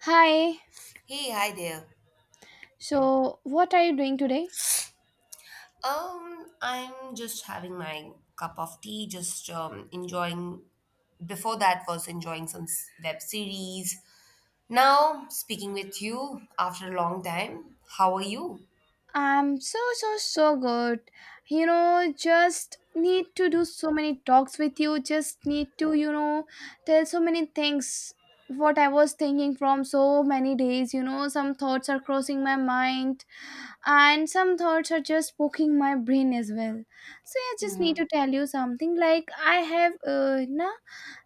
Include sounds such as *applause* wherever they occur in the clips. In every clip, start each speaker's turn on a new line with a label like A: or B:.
A: Hi.
B: Hey, hi there.
A: So, what are you doing today?
B: I'm just having my cup of tea, just enjoying. Before that, was enjoying some web series. Now, speaking with you after a long time, how are you?
A: I'm so so so good. You know, just need to do so many talks with you. Just need to, tell so many things what I was thinking from so many days, some thoughts are crossing my mind and some thoughts are just poking my brain as well. So I just need
B: Hmm.
A: to tell you something like I have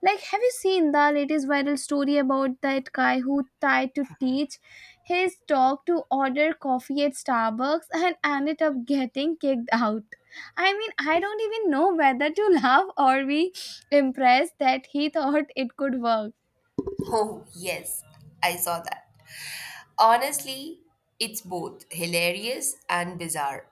A: like have you seen the latest viral story about that guy who tried to teach his dog to order coffee at starbucks and ended up getting kicked out? I mean I don't even know whether to *laughs* laugh or be impressed that he thought it could work.
B: Oh, yes, I saw that. Honestly, it's both hilarious and bizarre.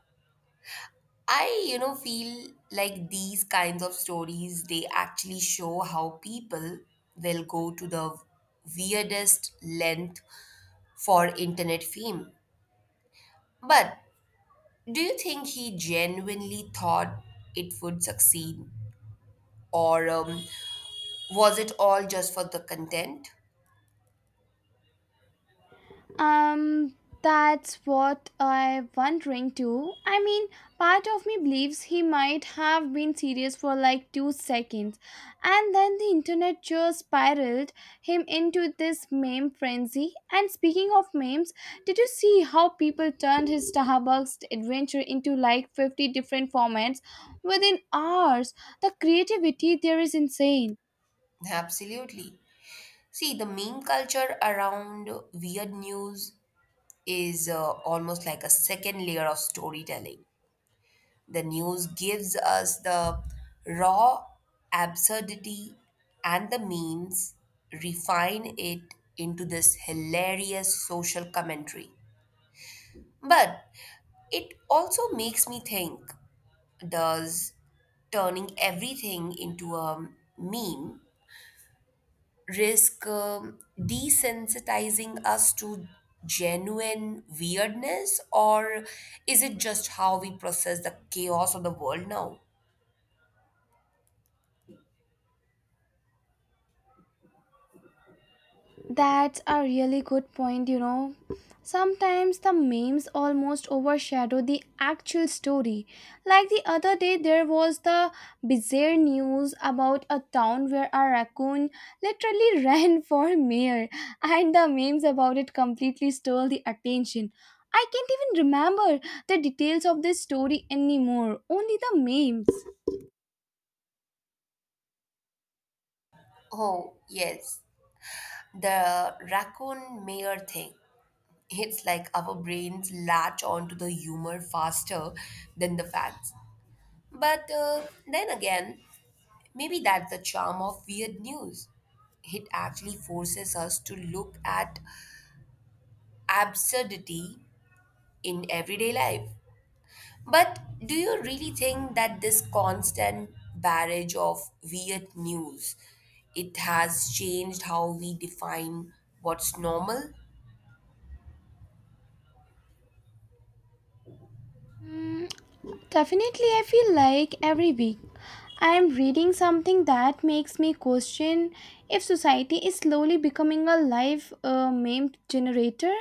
B: I, feel like these kinds of stories, they actually show how people will go to the weirdest length for internet fame. But do you think he genuinely thought it would succeed? Or was it all just for the content?
A: Um, that's what I'm wondering too. I mean, part of me believes he might have been serious for like 2 seconds, and then the internet just spiraled him into this meme frenzy. And speaking of memes, did you see how people turned his Starbucks adventure into like 50 different formats within hours? The creativity there is insane.
B: Absolutely. See, the meme culture around weird news is almost like a second layer of storytelling. The news gives us the raw absurdity, and the means refine it into this hilarious social commentary. But it also makes me think, does turning everything into a meme risk desensitizing us to genuine weirdness, or is it just how we process the chaos of the world now?
A: That's a really good point, you know. Sometimes the memes almost overshadow the actual story. Like the other day, there was the bizarre news about a town where a raccoon literally *laughs* ran for mayor, and the memes about it completely stole the attention. I can't even remember the details of this story anymore, only the memes.
B: Oh, yes. The raccoon mayor thing. It's like our brains latch onto the humor faster than the facts. But then again, maybe that's the charm of weird news. It actually forces us to look at absurdity in everyday life. But do you really think that this constant barrage of weird news, it has changed how we define what's normal?
A: Mm, definitely, I feel like every week. I am reading something that makes me question if society is slowly becoming a live meme generator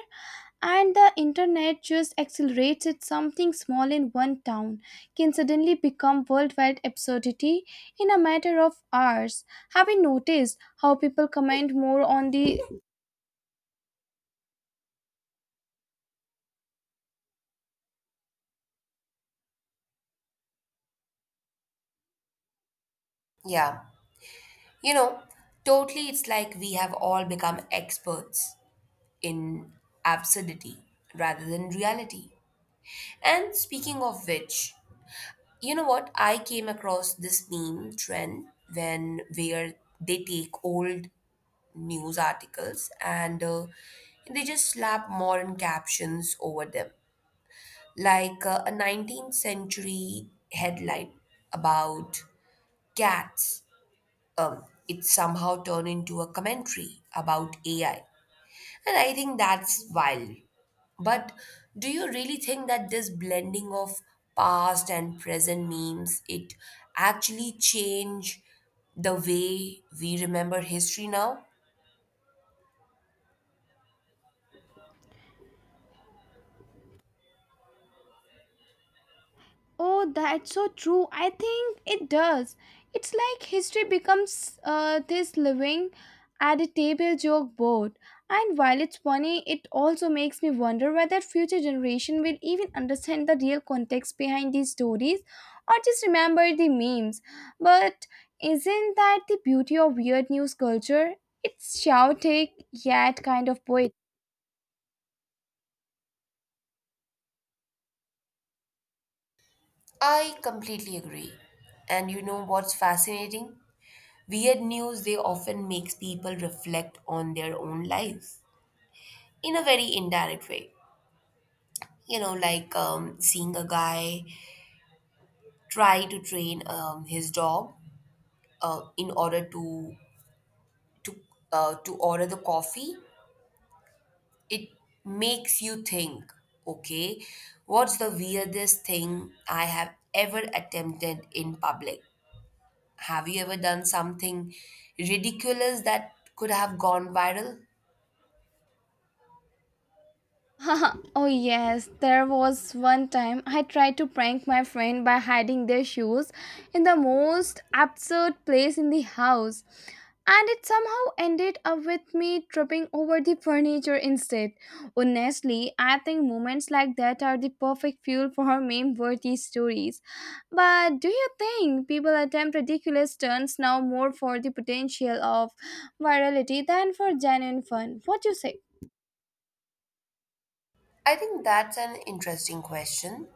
A: and the internet just accelerates it. Something small in one town can suddenly become worldwide absurdity in a matter of hours. Have you noticed how people comment more on the,
B: Yeah. You know, totally, it's like we have all become experts in absurdity rather than reality. And speaking of which, you know what? I came across this meme trend when where they take old news articles and they just slap modern captions over them, like a 19th century headline about cats, um, it somehow turned into a commentary about AI. And I think that's wild. But do you really think that this blending of past and present memes, it actually change the way we remember history now?
A: oh, that's so true. I think it does. It's like history becomes this living at a table joke board. And while it's funny, it also makes me wonder whether future generation will even understand the real context behind these stories or just remember the memes. But isn't that the beauty of weird news culture? It's chaotic yet kind of poetic.
B: I completely agree. And you know what's fascinating? Weird news, they often makes people reflect on their own lives in a very indirect way. You know, like seeing a guy try to train his dog in order to to order the coffee, it makes you think, okay, what's the weirdest thing I have ever attempted in public? Have you ever done something ridiculous that could have gone viral?
A: *laughs* Oh yes, there was one time I tried to prank my friend by hiding their shoes in the most absurd place in the house. And it somehow ended up with me tripping over the furniture instead. Honestly, I think moments like that are the perfect fuel for meme worthy stories. But do you think people attempt ridiculous stunts now more for the potential of virality than for genuine fun? What do you say?
B: I think that's an interesting question.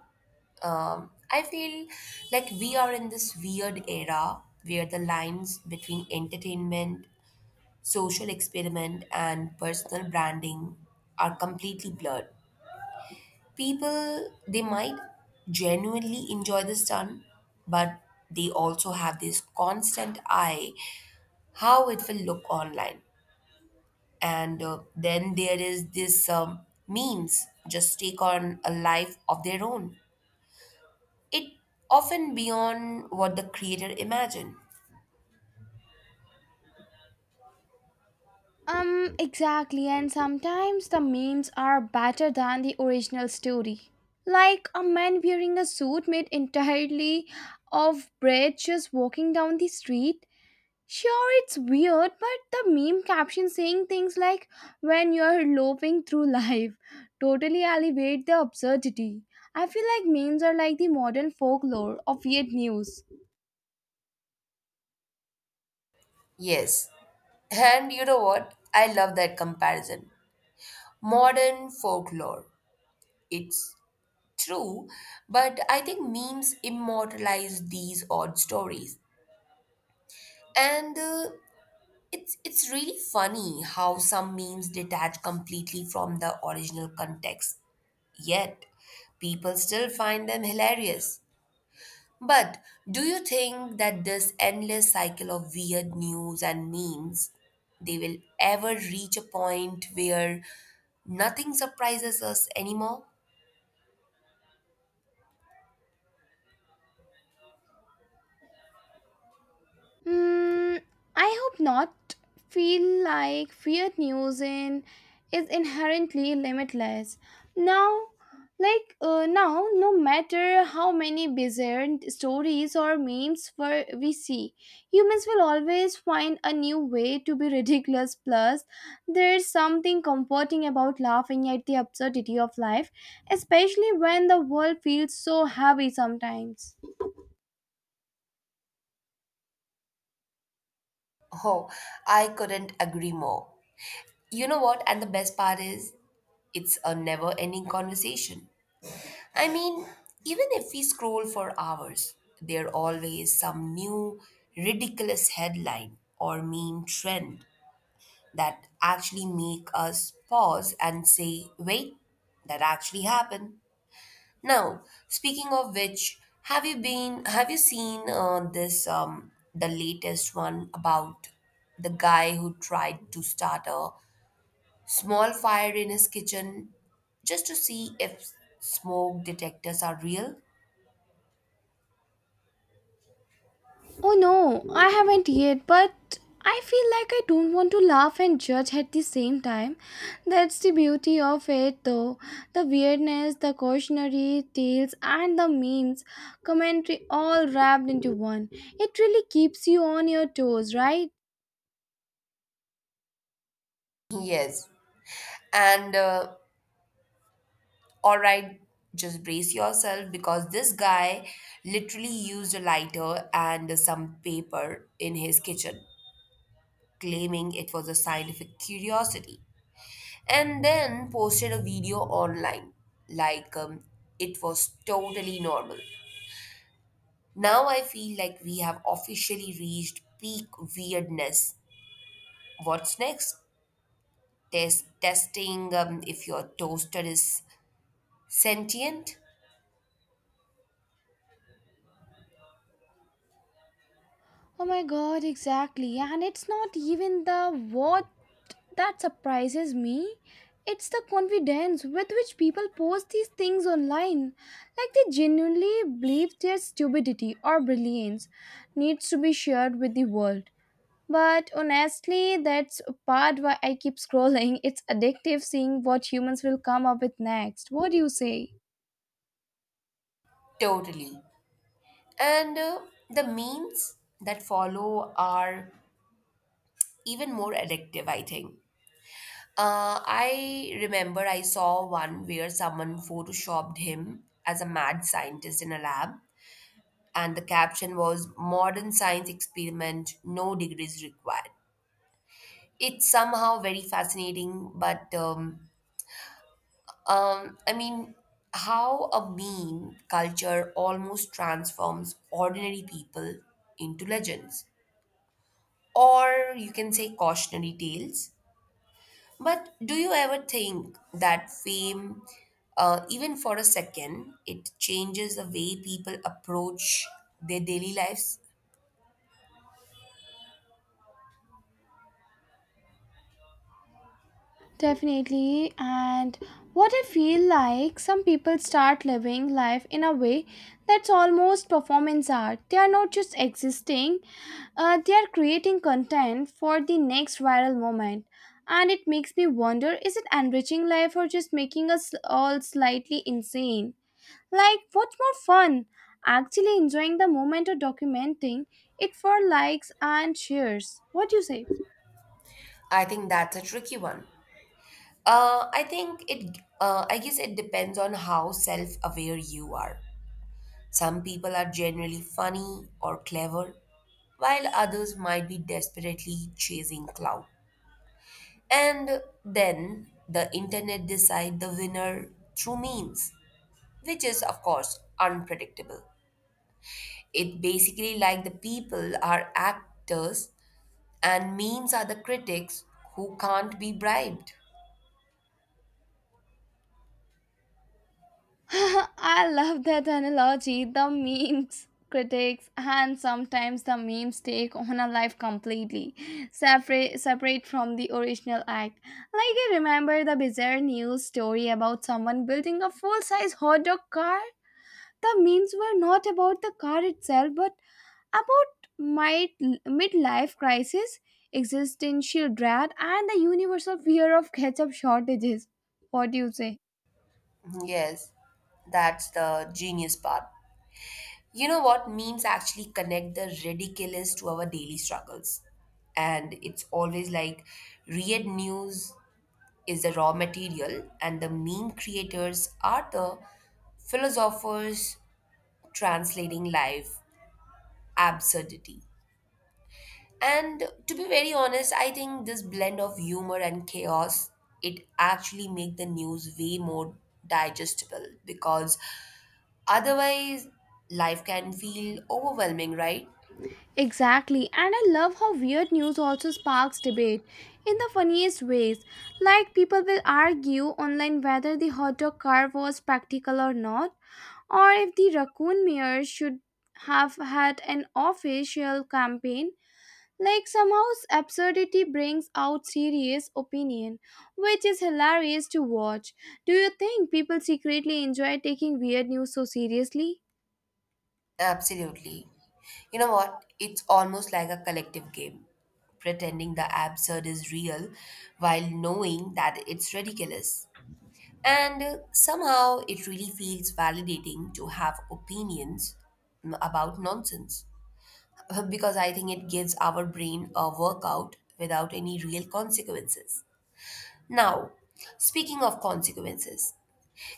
B: I feel like we are in this weird era where the lines between entertainment, social experiment, and personal branding are completely blurred. People, they might genuinely enjoy the stunt, but they also have this constant eye how it will look online. And then there is this. Memes just take on a life of their own. It often beyond what the creator imagined.
A: Exactly, and sometimes the memes are better than the original story. Like a man wearing a suit made entirely of bread just walking down the street. Sure, it's weird, but the meme caption saying things like when you're loping through *laughs* life totally elevate the absurdity. I feel like memes are like the modern folklore of weird news.
B: Yes. And you know what? I love that comparison. Modern folklore. It's true, but I think memes immortalize these odd stories. And it's really funny how some memes detach completely from the original context. Yet people still find them hilarious. But do you think that this endless cycle of weird news and memes, they will ever reach a point where nothing surprises us anymore?
A: Hmm. I hope not. Feel like feared news in is inherently limitless. Now, like now, no matter how many bizarre stories or memes were we see, humans will always find a new way to be ridiculous. Plus, there's something comforting about laughing at the absurdity of life, especially when the world feels so heavy sometimes.
B: Oh, I couldn't agree more. You know what? And the best part is, it's a never ending conversation. I mean, even if we scroll for hours, there always some new ridiculous headline or meme trend that actually make us pause and say, wait, that actually happened. Now, speaking of which, have you seen the latest one about the guy who tried to start a small fire in his kitchen just to see if smoke detectors are real?
A: Oh no, I haven't yet, but I feel like I don't want to laugh and judge at the same time. That's the beauty of it though. The weirdness, the cautionary tales, and the memes, commentary all wrapped into one. It really keeps you on your toes, right?
B: Yes, and all right, just brace yourself because this guy literally used a lighter and some paper in his kitchen, claiming it was a scientific curiosity, and then posted a video online like it was totally normal. Now I feel like we have officially reached peak weirdness. What's next? Testing if your toaster is sentient?
A: Oh my god, exactly. And it's not even the what that surprises me. It's the confidence with which people post these things online. Like they genuinely believe their stupidity or brilliance needs to be shared with the world. But honestly, that's a part why I keep scrolling. It's addictive seeing what humans will come up with next. What do you say?
B: Totally. And the memes that follow are even more addictive, I think. I remember I saw one where someone photoshopped him as a mad scientist in a lab, and the caption was Modern Science Experiment, No Degrees Required. It's somehow very fascinating, but I mean, how a meme culture almost transforms ordinary people into legends, or you can say cautionary tales. But do you ever think that fame, even for a second, it changes the way people approach their daily lives?
A: Definitely. And what I feel like some people start living life in a way that's almost performance art. They are not just existing, they are creating content for the next viral moment. And it makes me wonder, is it enriching life or just making us all slightly insane? Like, what's more fun? Actually enjoying the moment or documenting it for likes and shares? What do you say?
B: I think that's a tricky one. I think it. I guess it depends on how self-aware you are. Some people are generally funny or clever, while others might be desperately chasing clout. And then the internet decide the winner through memes, which is of course unpredictable. It basically like the people are actors and memes are the critics who can't be bribed.
A: *laughs* I love that analogy. The memes, critics, and sometimes the memes take on a life completely separate from the original act. Like I remember the bizarre news story about someone building a full-size hot dog car. The memes were not about the car itself, but about my midlife crisis, existential dread, and the universal fear of ketchup shortages. What do you say?
B: Yes, that's the genius part. You know what? Memes actually connect the ridiculous to our daily struggles. And it's always like read news is the raw material, and the meme creators are the philosophers translating life absurdity. And to be very honest, I think this blend of humor and chaos, it actually make the news way more digestible because otherwise life can feel overwhelming, right?
A: Exactly, and I love how weird news also sparks debate in the funniest ways. Like, people will argue online whether the hot dog car was practical or not, or if the raccoon mayor should have had an official campaign. Like, somehow, absurdity brings out serious opinion, which is hilarious to watch. Do you think people secretly enjoy taking weird news so seriously?
B: Absolutely. You know what? It's almost like a collective game, pretending the absurd is real while knowing that it's ridiculous. And somehow it really feels validating to have opinions about nonsense *laughs* because I think it gives our brain a workout without any real consequences. Now, speaking of consequences,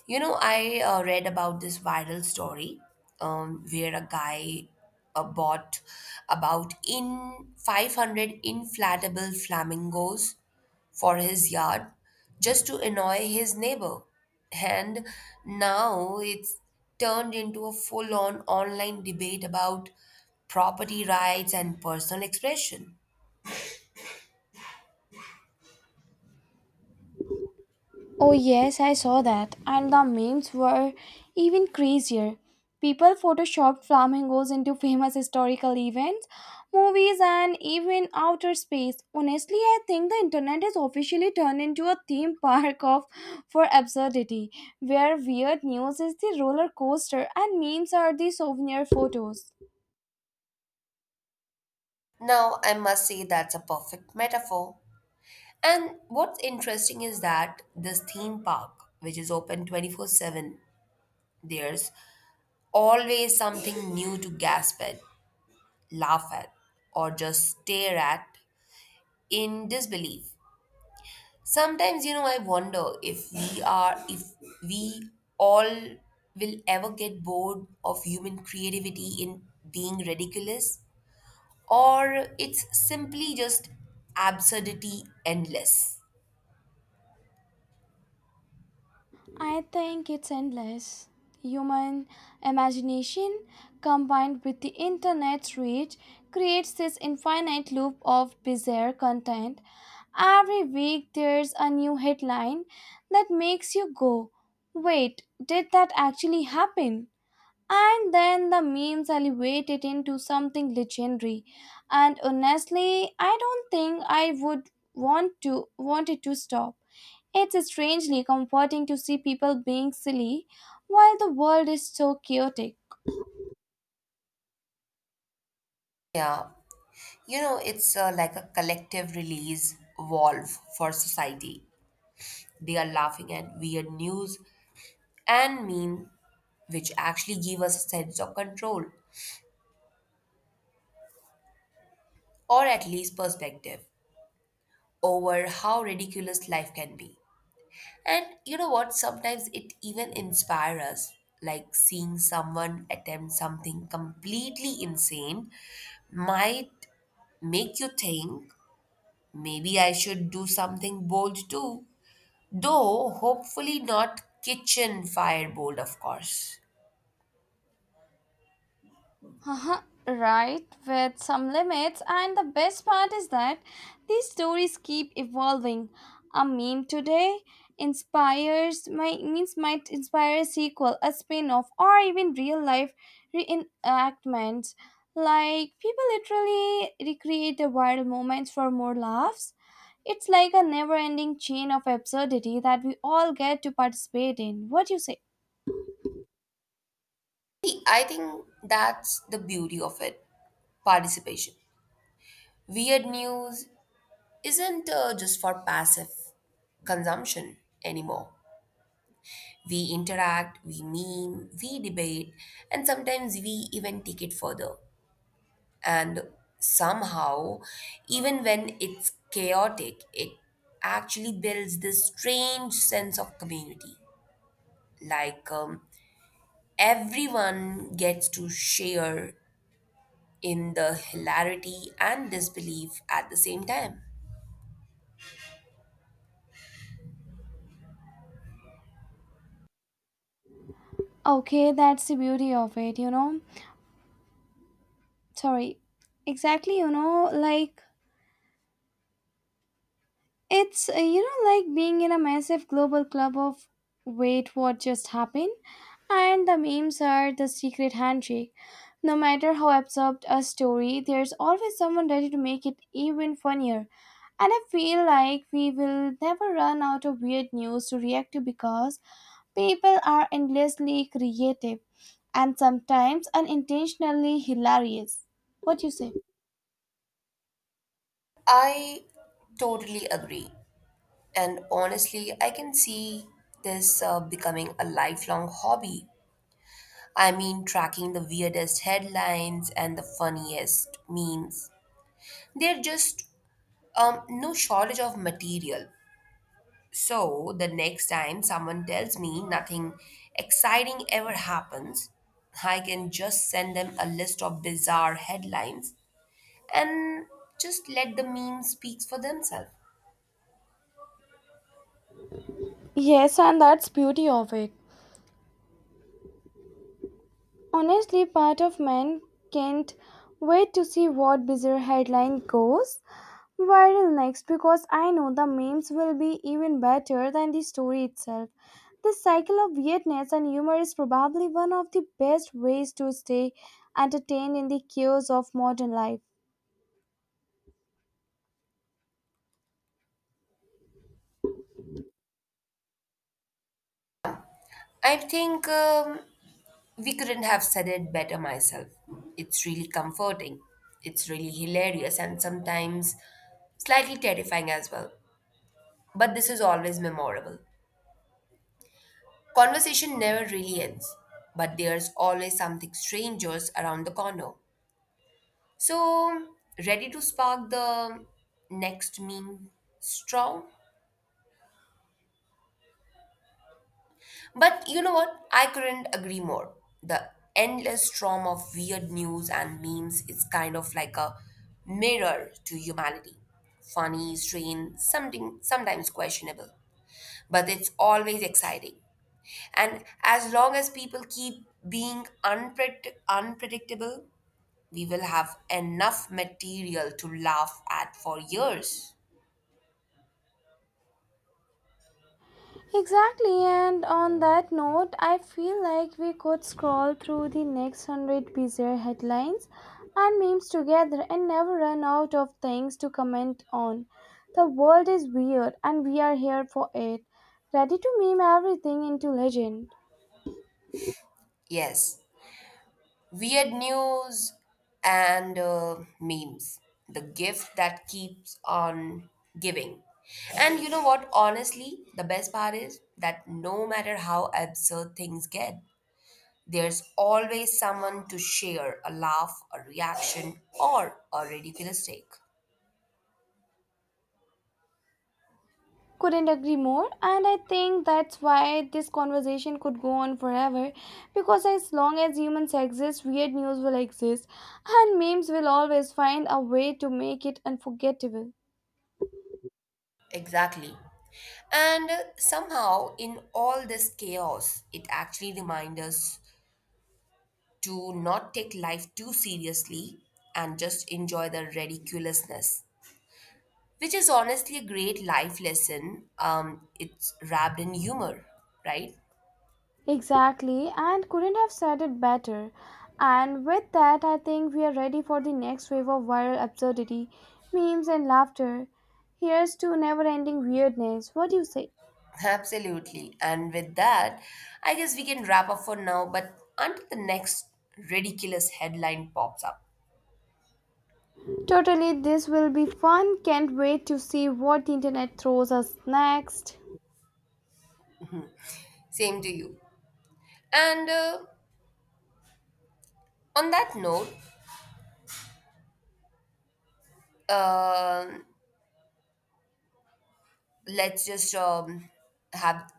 B: you know, I read about this viral story where a guy bought about in 500 inflatable flamingos for his yard just to annoy his neighbor. And now it's turned into a full on online debate about property rights and personal expression.
A: Oh, yes, I saw that. And the memes were even crazier. People photoshopped flamingos into famous historical events, movies, and even outer space. Honestly, I think the internet has officially turned into a theme park of for absurdity, where weird news is the roller coaster and memes are the souvenir photos.
B: Now, I must say that's a perfect metaphor. And what's interesting is that this theme park, which is open 24/7, there's always something new to gasp at, laugh at, or just stare at in disbelief. Sometimes, you know, I wonder if we all will ever get bored of human creativity in being ridiculous, or it's simply just absurdity endless.
A: I think it's endless. Human imagination combined with the internet's reach creates this infinite loop of bizarre content. Every week there's a new headline that makes you go, wait, did that actually happen? And then the memes elevated into something legendary. And honestly, I don't think I would want it to stop. It's strangely comforting to see people being silly while the world is so chaotic.
B: Yeah. You know, it's like a collective release valve for society. They are laughing at weird news and meme, which actually give us a sense of control or at least perspective over how ridiculous life can be. And you know what? Sometimes it even inspires us, like seeing someone attempt something completely insane might make you think maybe I should do something bold too. Though hopefully not kitchen firebolt, of course.
A: Uh huh. Right, with some limits, and the best part is that these stories keep evolving. A meme today inspires my means might inspire a sequel, a spin-off, or even real life reenactments. Like people literally recreate the viral moments for more laughs. It's like a never-ending chain of absurdity that we all get to participate in. What do you say?
B: See, I think that's the beauty of it, participation. Weird news isn't just for passive consumption anymore. We interact, we meme, we debate, and sometimes we even take it further. And somehow, even when it's chaotic, it actually builds this strange sense of community. Like, everyone gets to share in the hilarity and disbelief at the same time.
A: Okay, that's the beauty of it, you know. Sorry, exactly, you know, like it's you know, like being in a massive global club of wait what just happened, and the memes are the secret handshake. No matter how absurd a story, there's always someone ready to make it even funnier. And I feel like we will never run out of weird news to react to because people are endlessly creative and sometimes unintentionally hilarious. What do you say?
B: I totally agree. And honestly, I can see this becoming a lifelong hobby. I mean, tracking the weirdest headlines and the funniest memes. They're just no shortage of material. So the next time someone tells me nothing exciting ever happens, I can just send them a list of bizarre headlines and just let the meme speak for themselves.
A: Yes, and that's beauty of it. Honestly, part of man can't wait to see what bizarre headline goes viral next because I know the memes will be even better than the story itself. The cycle of weirdness and humor is probably one of the best ways to stay entertained in the chaos of modern life.
B: I think we couldn't have said it better myself. It's really comforting. It's really hilarious and sometimes slightly terrifying as well. But this is always memorable. Conversation never really ends, but there's always something strangers around the corner. So, ready to spark the next meme strong? But you know what? I couldn't agree more. The endless storm of weird news and memes is kind of like a mirror to humanity. Funny, strange, something sometimes questionable, but it's always exciting. And as long as people keep being unpredictable, we will have enough material to laugh at for years.
A: Exactly, and on that note, I feel like we could scroll through the next hundred bizarre headlines and memes together and never run out of things to comment on. The world is weird, and we are here for it, ready to meme everything into legend.
B: Yes, weird news and memes. The gift that keeps on giving. And you know what? Honestly, the best part is that no matter how absurd things get, there's always someone to share a laugh, a reaction, or a ridiculous take.
A: Couldn't agree more, and I think that's why this conversation could go on forever because as long as humans exist, weird news will exist, and memes will always find a way to make it unforgettable.
B: Exactly. And somehow, in all this chaos, it actually reminds us to not take life too seriously and just enjoy the ridiculousness, which is honestly a great life lesson. It's wrapped in humor, right?
A: Exactly, and couldn't have said it better. And with that, I think we are ready for the next wave of viral absurdity, memes, and laughter. Here's to never ending weirdness. What do you say?
B: Absolutely. And with that, I guess we can wrap up for now, but until the next ridiculous headline pops up.
A: Totally, this will be fun. Can't wait to see what the internet throws us next.
B: Same to you. And on that note, um let's just um, have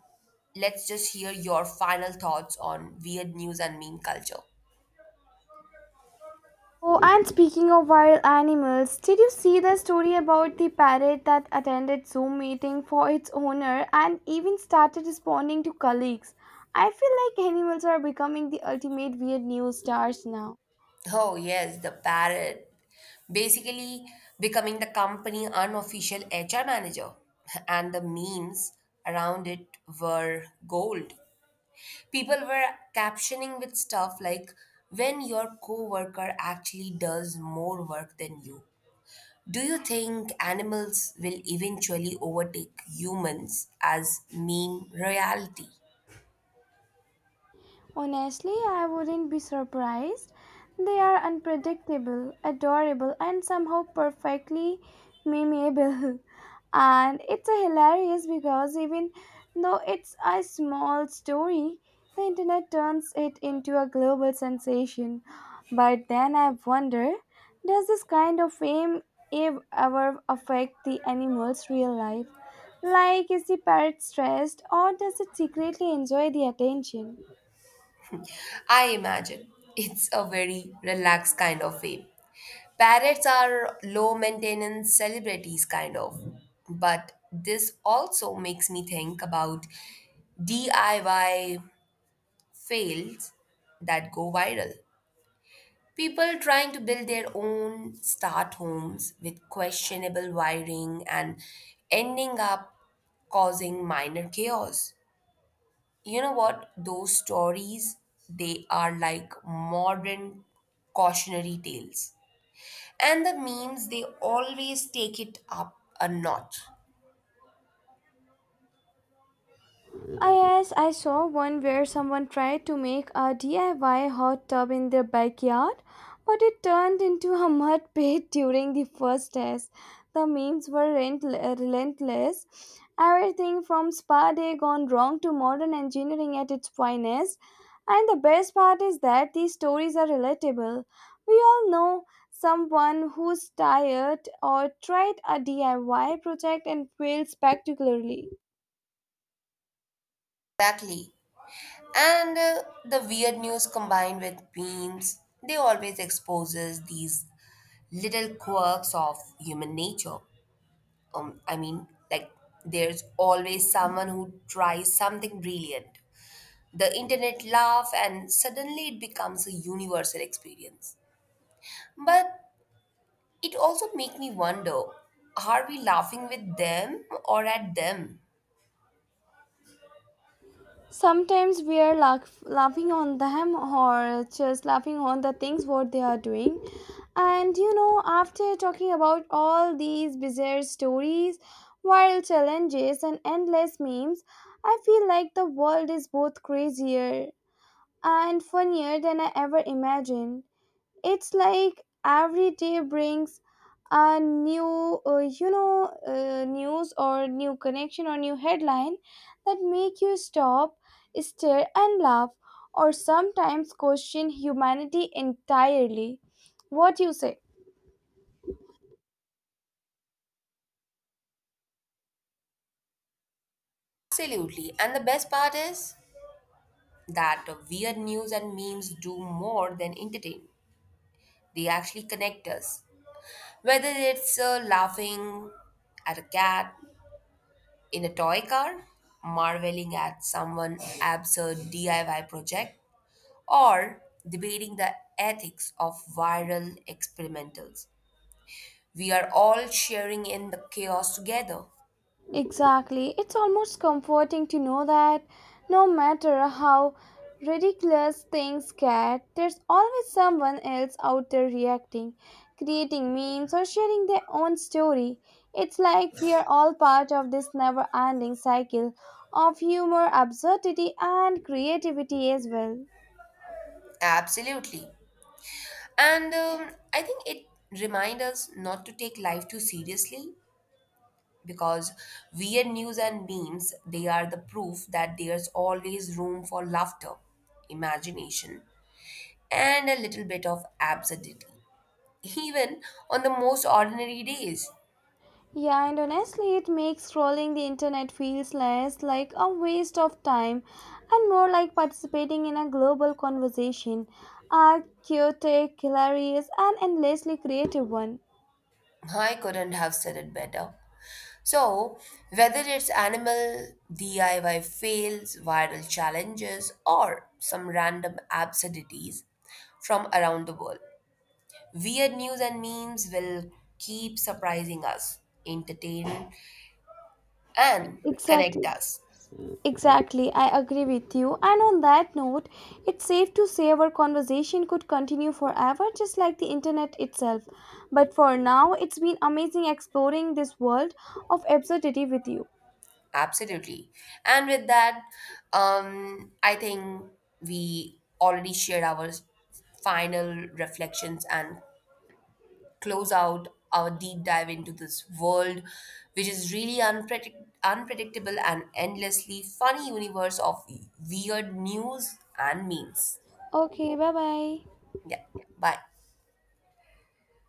B: let's just hear your final thoughts on weird news and meme culture.
A: Oh, and speaking of wild animals, did you see the story about the parrot that attended Zoom meeting for its owner and even started responding to colleagues? I feel like animals are becoming the ultimate weird news stars now.
B: Oh, yes, the parrot. Basically, becoming the company unofficial HR manager. *laughs* And the memes around it were gold. People were captioning with stuff like, when your coworker actually does more work than you. Do you think animals will eventually overtake humans as meme reality?
A: Honestly, I wouldn't be surprised. They are unpredictable, adorable, and somehow perfectly memeable. *laughs* And it's a hilarious because even though it's a small story, the internet turns it into a global sensation. But then I wonder, does this kind of fame ever affect the animal's real life? Like, is the parrot stressed or does it secretly enjoy the attention?
B: I imagine it's a very relaxed kind of way. Parrots are low maintenance celebrities, kind of. But this also makes me think about DIY fails that go viral. People trying to build their own start homes with questionable wiring and ending up causing minor chaos. You know what? Those stories, they are like modern cautionary tales. And the memes, they always take it up a notch.
A: Ah, yes, I saw one where someone tried to make a DIY hot tub in their backyard, but it turned into a *laughs* mud pit during the first test. The memes were relentless. Everything from spa day gone wrong to modern engineering at its finest. And the best part is that these stories are relatable. We all know someone who's tired or tried a DIY project and failed spectacularly.
B: Exactly. And the weird news combined with memes, they always exposes these little quirks of human nature. I mean, like there's always someone who tries something brilliant. The internet laugh and suddenly it becomes a universal experience. But it also makes me wonder, are we laughing with them or at them?
A: Sometimes we are laughing on them or just laughing on the things what they are doing. And you know, after talking about all these bizarre stories, viral challenges and endless memes, I feel like the world is both crazier and funnier than I ever imagined. It's like every day brings a new, news or new connection or new headline that make you stop, stare, and laugh, or sometimes question humanity entirely. What you say?
B: Absolutely. And the best part is that weird news and memes do more than entertain. They actually connect us. Whether it's laughing at a cat in a toy car, marveling at someone absurd DIY project, or debating the ethics of viral experimentals. We are all sharing in the chaos together.
A: Exactly. It's almost comforting to know that no matter how ridiculous things get, there's always someone else out there reacting, creating memes, or sharing their own story. It's like we are all part of this never ending cycle of humor, absurdity, and creativity as well.
B: Absolutely. And I think it reminds us not to take life too seriously because weird news and memes, they are the proof that there's always room for laughter, imagination, and a little bit of absurdity, even on the most ordinary days.
A: Yeah, and honestly, it makes scrolling the internet feels less like a waste of time and more like participating in a global conversation, a chaotic, hilarious, and endlessly creative one.
B: I couldn't have said it better. So, whether it's animal DIY fails, viral challenges, or some random absurdities from around the world, weird news and memes will keep surprising us, entertain, and connect
A: Exactly,
B: us.
A: exactly. I agree with you. And on that note, it's safe to say our conversation could continue forever, just like the internet itself. But for now, it's been amazing exploring this world of absurdity with you.
B: Absolutely. And with that, I think we already shared our final reflections and close out our deep dive into this world, which is really unpredictable and endlessly funny universe of weird news and memes.
A: Okay, bye bye.
B: Yeah, bye.